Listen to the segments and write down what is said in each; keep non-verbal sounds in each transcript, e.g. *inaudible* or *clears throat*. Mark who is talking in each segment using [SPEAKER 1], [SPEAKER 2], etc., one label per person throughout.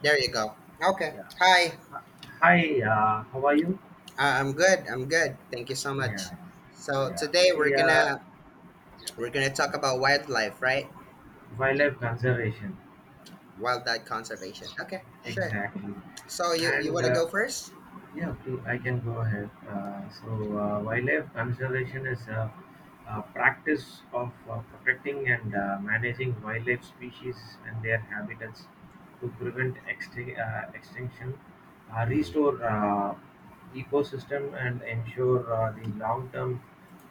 [SPEAKER 1] There you go. Okay.
[SPEAKER 2] Yeah.
[SPEAKER 1] Hi.
[SPEAKER 2] Hi, how are you?
[SPEAKER 1] I'm good. I'm good. Thank you so much.
[SPEAKER 2] Yeah,
[SPEAKER 1] So
[SPEAKER 2] yeah.
[SPEAKER 1] today we're
[SPEAKER 2] See,
[SPEAKER 1] gonna we're gonna talk about wildlife, right?
[SPEAKER 2] wildlife conservation.
[SPEAKER 1] Wildlife conservation. Okay. Sure.
[SPEAKER 2] Exactly.
[SPEAKER 1] So you
[SPEAKER 2] And
[SPEAKER 1] wanna
[SPEAKER 2] uh,
[SPEAKER 1] go 1st.
[SPEAKER 2] yeah, I can go ahead. So, wildlife conservation is practice of protecting and managing wildlife species and their habitats to prevent extinction, restore ecosystem, and ensure the long-term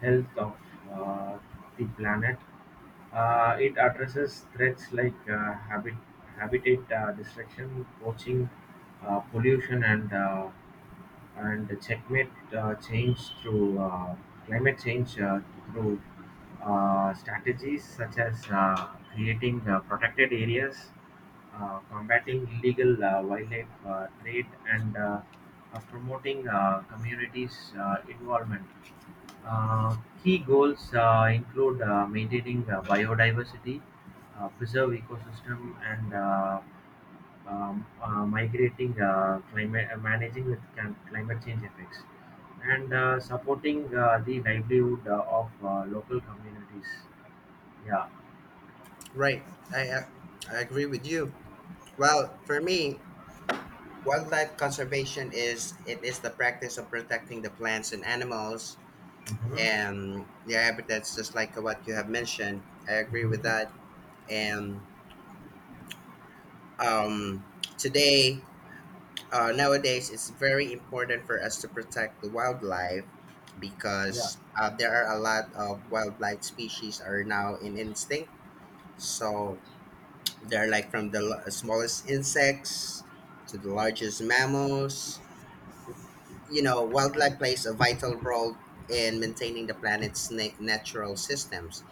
[SPEAKER 2] health of uh, the planet. It addresses threats like habitat destruction, poaching, pollution, and checkmate change through climate change through strategies such as creating protected areas, combating illegal wildlife trade, and promoting communities' involvement. Uh, key goals include maintaining biodiversity, preserve ecosystem, and migrating climate managing with climate change effects and supporting the livelihood of local communities. Yeah.
[SPEAKER 1] Right. I uh, I agree with you. Well, for me, wildlife conservation is the practice of protecting the plants and animals
[SPEAKER 2] Hmm.
[SPEAKER 1] and their habitats, just like what you have mentioned. I agree with that.
[SPEAKER 2] Hmm.
[SPEAKER 1] And um, today nowadays it's very important for us to protect the wildlife
[SPEAKER 2] Yeah.
[SPEAKER 1] because there are a lot of wildlife species are now in instinct, so they're like from the smallest insects to the largest mammals. You know, wildlife plays a vital role in maintaining the planet's natural systems.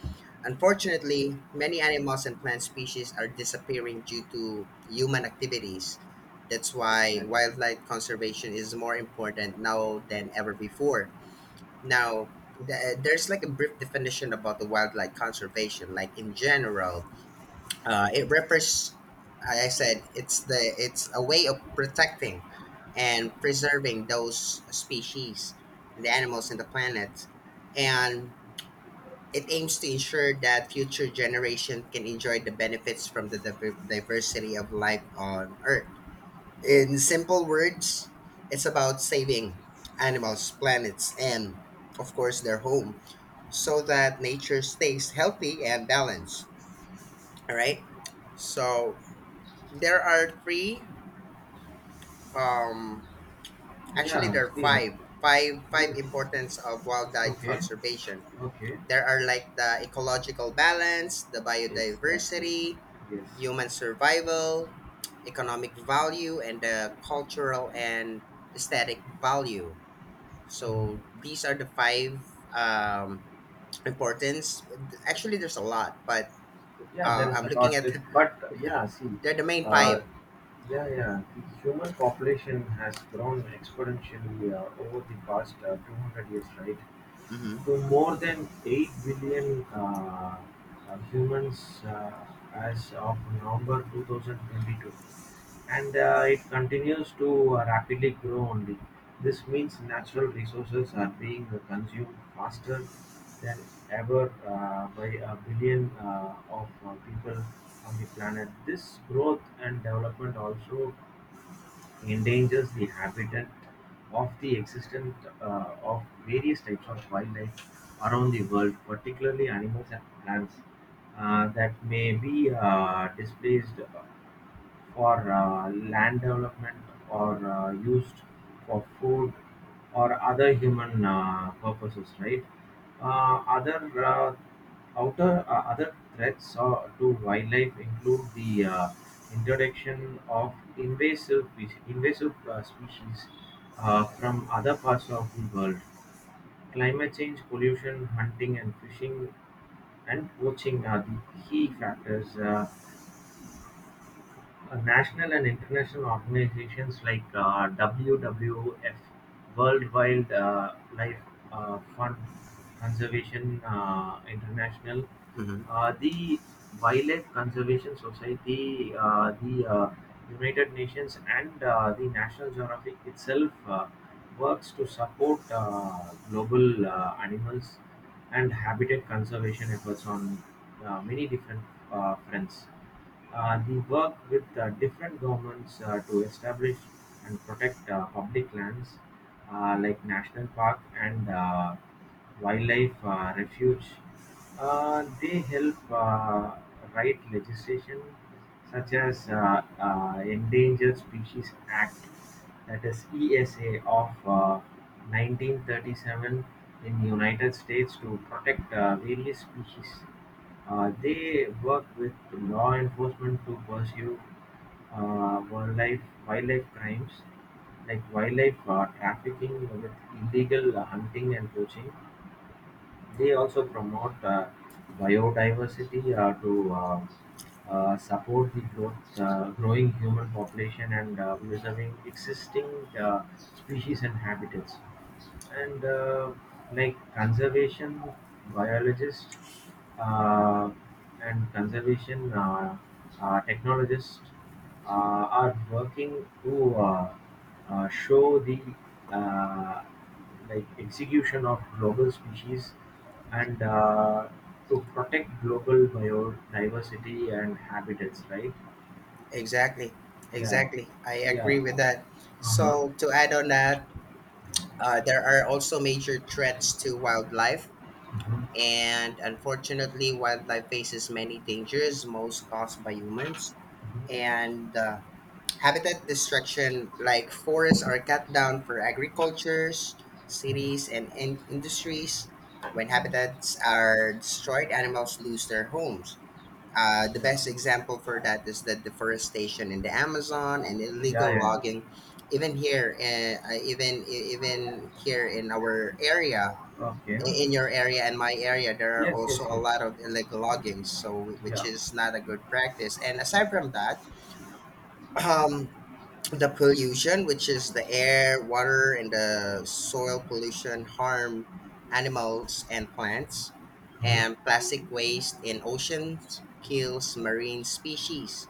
[SPEAKER 1] Unfortunately, many animals and plant species are disappearing due to human activities. That's why
[SPEAKER 2] Exactly.
[SPEAKER 1] wildlife conservation is more important now than ever before. Now, there's like a brief definition about the wildlife conservation, like in general, it refers, I said it's the it's a way of protecting and preserving those species, the animals and the planet, and it aims to ensure that future generation can enjoy the benefits from the diversity of life on Earth. In simple words, it's about saving animals, planets, and of course their home, so that nature stays healthy and balanced. All right. So there are um,
[SPEAKER 2] Yeah, see.
[SPEAKER 1] five. Five
[SPEAKER 2] Yes.
[SPEAKER 1] importance of wildlife
[SPEAKER 2] Okay.
[SPEAKER 1] conservation.
[SPEAKER 2] Okay.
[SPEAKER 1] There are like the ecological balance, the
[SPEAKER 2] Exactly.
[SPEAKER 1] biodiversity,
[SPEAKER 2] Yes.
[SPEAKER 1] human survival, economic value, and the cultural and aesthetic value. So
[SPEAKER 2] Hmm.
[SPEAKER 1] these are the five um, importance. Actually, there's a lot, but
[SPEAKER 2] Yeah, there is
[SPEAKER 1] I'm
[SPEAKER 2] a
[SPEAKER 1] looking
[SPEAKER 2] lot,
[SPEAKER 1] at
[SPEAKER 2] but yeah, see.
[SPEAKER 1] *laughs* they're the main
[SPEAKER 2] uh,
[SPEAKER 1] five.
[SPEAKER 2] yeah, yeah, the human population has grown exponentially over the past 200 years, right,
[SPEAKER 1] Mm-hmm.
[SPEAKER 2] to more than 8 billion humans as of November 2022, and it continues to rapidly grow only. This means natural resources are being consumed faster than ever by a billion of people on the planet. This growth and development also endangers the habitat of the existence of various types of wildlife around the world, particularly animals and plants that may be displaced for land development or used for food or other human purposes, right? Uh, other uh, other threats to wildlife include the introduction of invasive species from other parts of the world, climate change, pollution, hunting and fishing, and poaching are the key factors. National and international organizations like WWF (World Wildlife Fund, Conservation International),
[SPEAKER 1] Mm-hmm.
[SPEAKER 2] the Wildlife Conservation Society, the United Nations, and the National Geographic itself works to support global animals and habitat conservation efforts on many different fronts. He worked with different governments to establish and protect public lands like national park and wildlife refuge. They help write legislation such as Endangered Species Act, that is ESA of 1937 in United States to protect various species. They work with law enforcement to pursue uh, wildlife wildlife crimes like wildlife trafficking with illegal hunting and poaching. They also promote biodiversity to support the growing human population and preserving existing uh, species and habitats. And like conservation biologists uh, and conservation technologists are working to show the uh, like execution of global species and to protect global biodiversity and habitats, right?
[SPEAKER 1] Exactly,
[SPEAKER 2] Yeah,
[SPEAKER 1] exactly. I agree
[SPEAKER 2] yeah.
[SPEAKER 1] with that.
[SPEAKER 2] Uh-huh.
[SPEAKER 1] So, to add on that, there are also major threats to wildlife.
[SPEAKER 2] Uh-huh.
[SPEAKER 1] And unfortunately, wildlife faces many dangers, most caused by humans.
[SPEAKER 2] Uh-huh.
[SPEAKER 1] And habitat destruction, like forests, are cut down for agricultures, cities, and industries. When habitats are destroyed, animals lose their homes. The
[SPEAKER 2] Yeah,
[SPEAKER 1] best example for that is the deforestation in the Amazon and
[SPEAKER 2] yeah,
[SPEAKER 1] illegal
[SPEAKER 2] yeah.
[SPEAKER 1] logging. Even here, even here in our area,
[SPEAKER 2] Okay.
[SPEAKER 1] in your area and my area, there are
[SPEAKER 2] Yes,
[SPEAKER 1] also
[SPEAKER 2] yes,
[SPEAKER 1] a
[SPEAKER 2] yes.
[SPEAKER 1] lot of illegal logging, so which
[SPEAKER 2] Yeah.
[SPEAKER 1] is not a good practice. And aside from that, *clears throat* the pollution, which is the air, water, and the soil pollution, harm animals and plants,
[SPEAKER 2] Uh-huh.
[SPEAKER 1] and plastic waste in oceans kills marine species.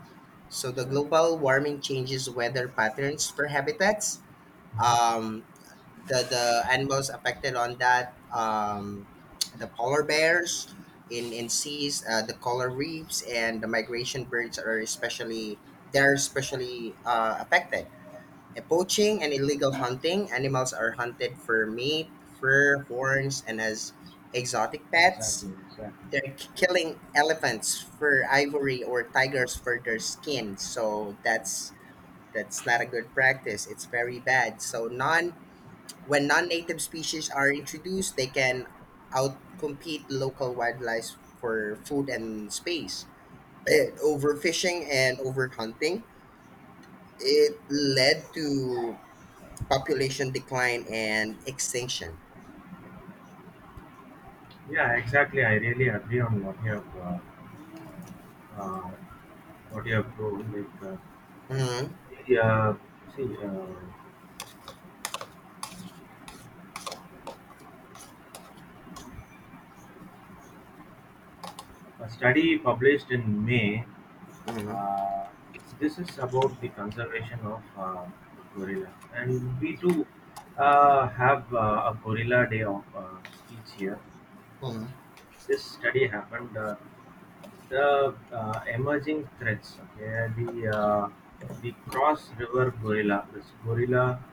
[SPEAKER 1] So the
[SPEAKER 2] Exactly.
[SPEAKER 1] global warming changes weather patterns for habitats.
[SPEAKER 2] Uh-huh.
[SPEAKER 1] Um, the animals affected on that, the polar bears in seas, the coral reefs, and the migration birds are especially they're especially affected poaching and illegal hunting. Animals are hunted for meat, fur, horns, and as exotic pets.
[SPEAKER 2] Exactly. Exactly.
[SPEAKER 1] They're killing elephants for ivory or tigers for their skin. So that's not a good practice. It's very bad. So non when non-native species are introduced, they can outcompete local wildlife for food and space. Overfishing and overhunting, it led to population decline and extinction.
[SPEAKER 2] Yeah, exactly. I really agree on uh, what you have told. Like,
[SPEAKER 1] Mm-hmm.
[SPEAKER 2] yeah. See, a study published in May.
[SPEAKER 1] Mm-hmm.
[SPEAKER 2] Uh, this is about the conservation of gorilla, and we too have a gorilla day of each year.
[SPEAKER 1] Mm-hmm.
[SPEAKER 2] This study happened. The emerging threats. Okay, the Cross River gorilla, this gorilla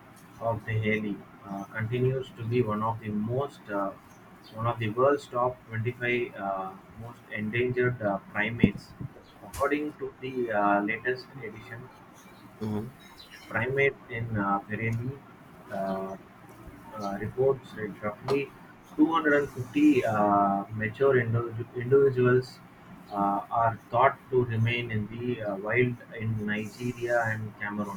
[SPEAKER 2] of the Haley, continues to be one of the world's top 25 most endangered primates, according to the latest edition
[SPEAKER 1] Mm-hmm.
[SPEAKER 2] Primate in Pirelli uh, reports that roughly 250 mature individuals are thought to remain in the wild in Nigeria and Cameroon.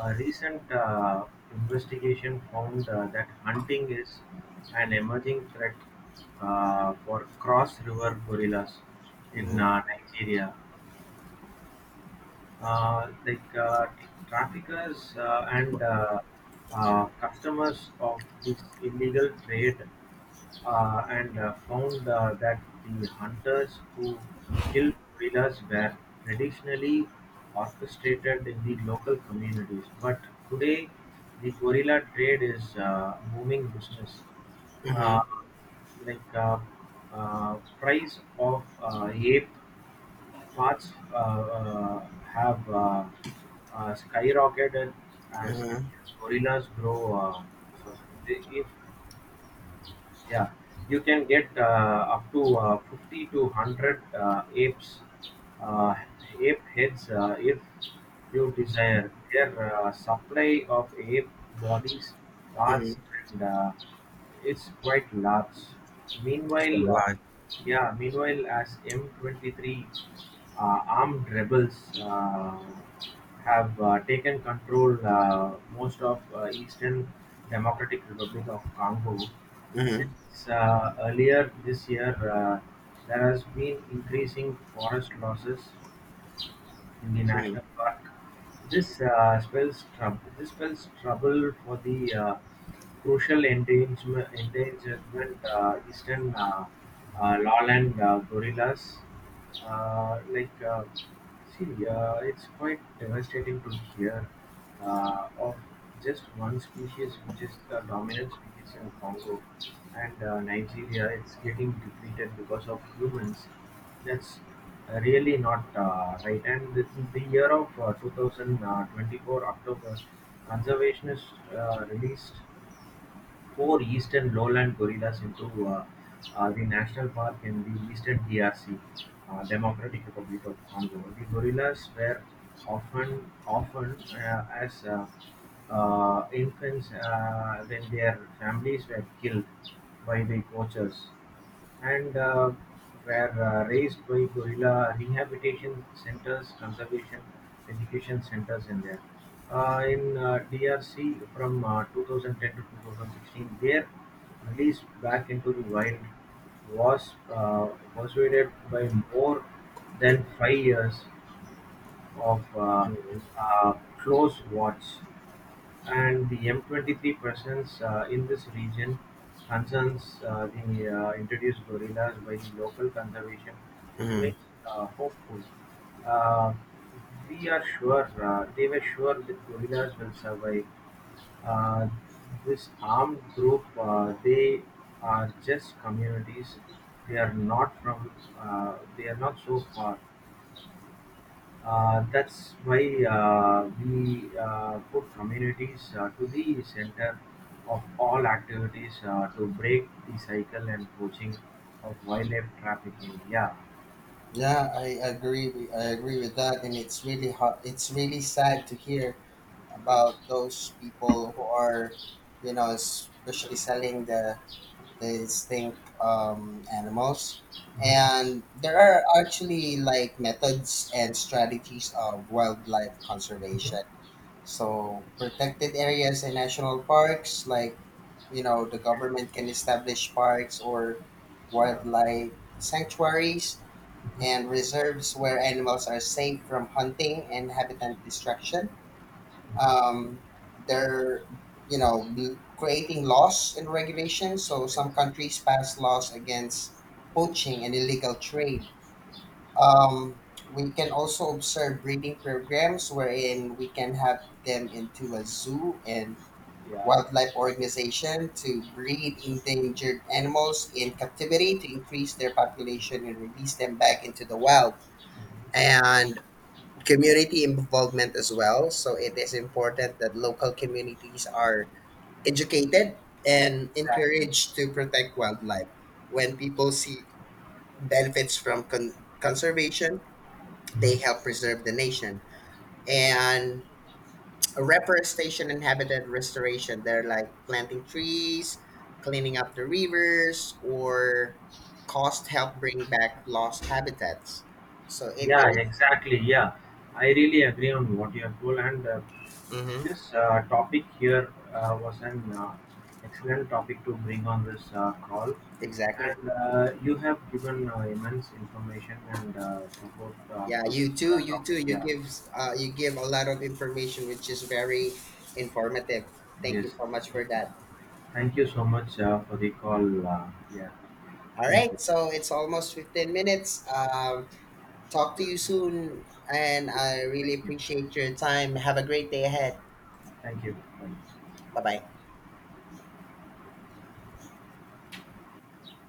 [SPEAKER 2] A recent investigation found that hunting is an emerging threat for cross river gorillas in
[SPEAKER 1] Mm-hmm.
[SPEAKER 2] Nigeria, like traffickers and customers of this illegal trade and found that the hunters who killed gorillas were traditionally orchestrated in the local communities. But today, the gorilla trade is booming business. Uh, like price of ape parts have skyrocketed as the
[SPEAKER 1] Mm-hmm.
[SPEAKER 2] gorillas grow. So- so they- if Yeah, you can get up to 50 to 100 apes, uh, ape heads, if you desire their supply of ape bodies
[SPEAKER 1] Mm-hmm.
[SPEAKER 2] parts, and it's quite large.
[SPEAKER 1] For a
[SPEAKER 2] meanwhile uh,
[SPEAKER 1] lot.
[SPEAKER 2] yeah meanwhile as M23 armed rebels have taken control most of eastern Democratic Republic of Congo
[SPEAKER 1] Mm-hmm.
[SPEAKER 2] since earlier this year, there has been increasing forest losses in the
[SPEAKER 1] Mm-hmm.
[SPEAKER 2] national park. This spells trouble. This spells trouble for the crucial endangerment, eastern lowland gorillas. Like, see, it's quite devastating to hear of just one species, which is the dominant species in Congo and Nigeria. It's getting depleted because of humans. That's really not right. And the year of 2024 October, conservationists released four eastern lowland gorillas into the national park in the eastern DRC, Democratic Republic of Congo. The gorillas were often as infants when their families were killed by the poachers and were raised by guerrilla rehabilitation centers, conservation education centers in there. In DRC from 2010 to 2016, their release back into the wild was persuaded by more than 5 years of
[SPEAKER 1] Mm-hmm.
[SPEAKER 2] uh, close watch, and the M23 presence in this region concerns the introduced gorillas by the local conservation
[SPEAKER 1] Mm-hmm.
[SPEAKER 2] remains hopeful. Uh, we are sure, they were sure that gorillas will survive. Uh, this armed group, they are just communities. They are not from, they are not so far, that's why we put communities to the center of all activities to break the cycle and poaching of wildlife trafficking. Yeah,
[SPEAKER 1] Yeah, I agree. With, I agree with that, and it's really hot. It's really sad to hear
[SPEAKER 2] yes.
[SPEAKER 1] about those people who are, you know, especially selling the extinct animals.
[SPEAKER 2] Hmm.
[SPEAKER 1] And there are actually like methods and strategies of wildlife conservation.
[SPEAKER 2] Hmm.
[SPEAKER 1] So protected areas and national parks, like, you know, the
[SPEAKER 2] Okay.
[SPEAKER 1] government can establish parks or
[SPEAKER 2] Yeah.
[SPEAKER 1] wildlife sanctuaries
[SPEAKER 2] Hmm.
[SPEAKER 1] and reserves where animals are safe from hunting and habitat destruction.
[SPEAKER 2] Hmm.
[SPEAKER 1] Um, they're, you know, creating laws and regulations. So some
[SPEAKER 2] Exactly.
[SPEAKER 1] countries pass laws against
[SPEAKER 2] Exactly.
[SPEAKER 1] poaching and illegal trade. Um, we can also observe breeding programs wherein we can have them into a zoo and
[SPEAKER 2] Yeah.
[SPEAKER 1] wildlife organization to breed endangered animals in captivity to increase their population and release them back into the wild,
[SPEAKER 2] Mhm.
[SPEAKER 1] and community involvement as well. So it is important that local communities are educated and
[SPEAKER 2] Exactly.
[SPEAKER 1] encouraged to protect wildlife. When people see benefits from conservation, they help preserve the nation, and reforestation and habitat restoration, they're like planting trees, cleaning up the rivers, or cost help bring back lost habitats. So it,
[SPEAKER 2] Yeah, exactly. Yeah, I really agree on what you have told, and
[SPEAKER 1] mm-hmm,
[SPEAKER 2] this topic here was an excellent topic to bring on this call.
[SPEAKER 1] exactly.
[SPEAKER 2] And you have given immense information and support
[SPEAKER 1] Yeah,
[SPEAKER 2] for
[SPEAKER 1] you
[SPEAKER 2] this
[SPEAKER 1] too you
[SPEAKER 2] topic.
[SPEAKER 1] too
[SPEAKER 2] Yeah.
[SPEAKER 1] you give a lot of information which is very informative. Thank you
[SPEAKER 2] Yes.
[SPEAKER 1] so much for that.
[SPEAKER 2] Thank you so much for the call. Yeah.
[SPEAKER 1] All
[SPEAKER 2] Thank
[SPEAKER 1] right,
[SPEAKER 2] you.
[SPEAKER 1] so it's almost 15 minutes. Um, talk to
[SPEAKER 2] Yeah.
[SPEAKER 1] you soon, and I
[SPEAKER 2] Thank
[SPEAKER 1] really
[SPEAKER 2] you.
[SPEAKER 1] appreciate your time. Have a great day ahead.
[SPEAKER 2] Thank you. Thank
[SPEAKER 1] Bye bye.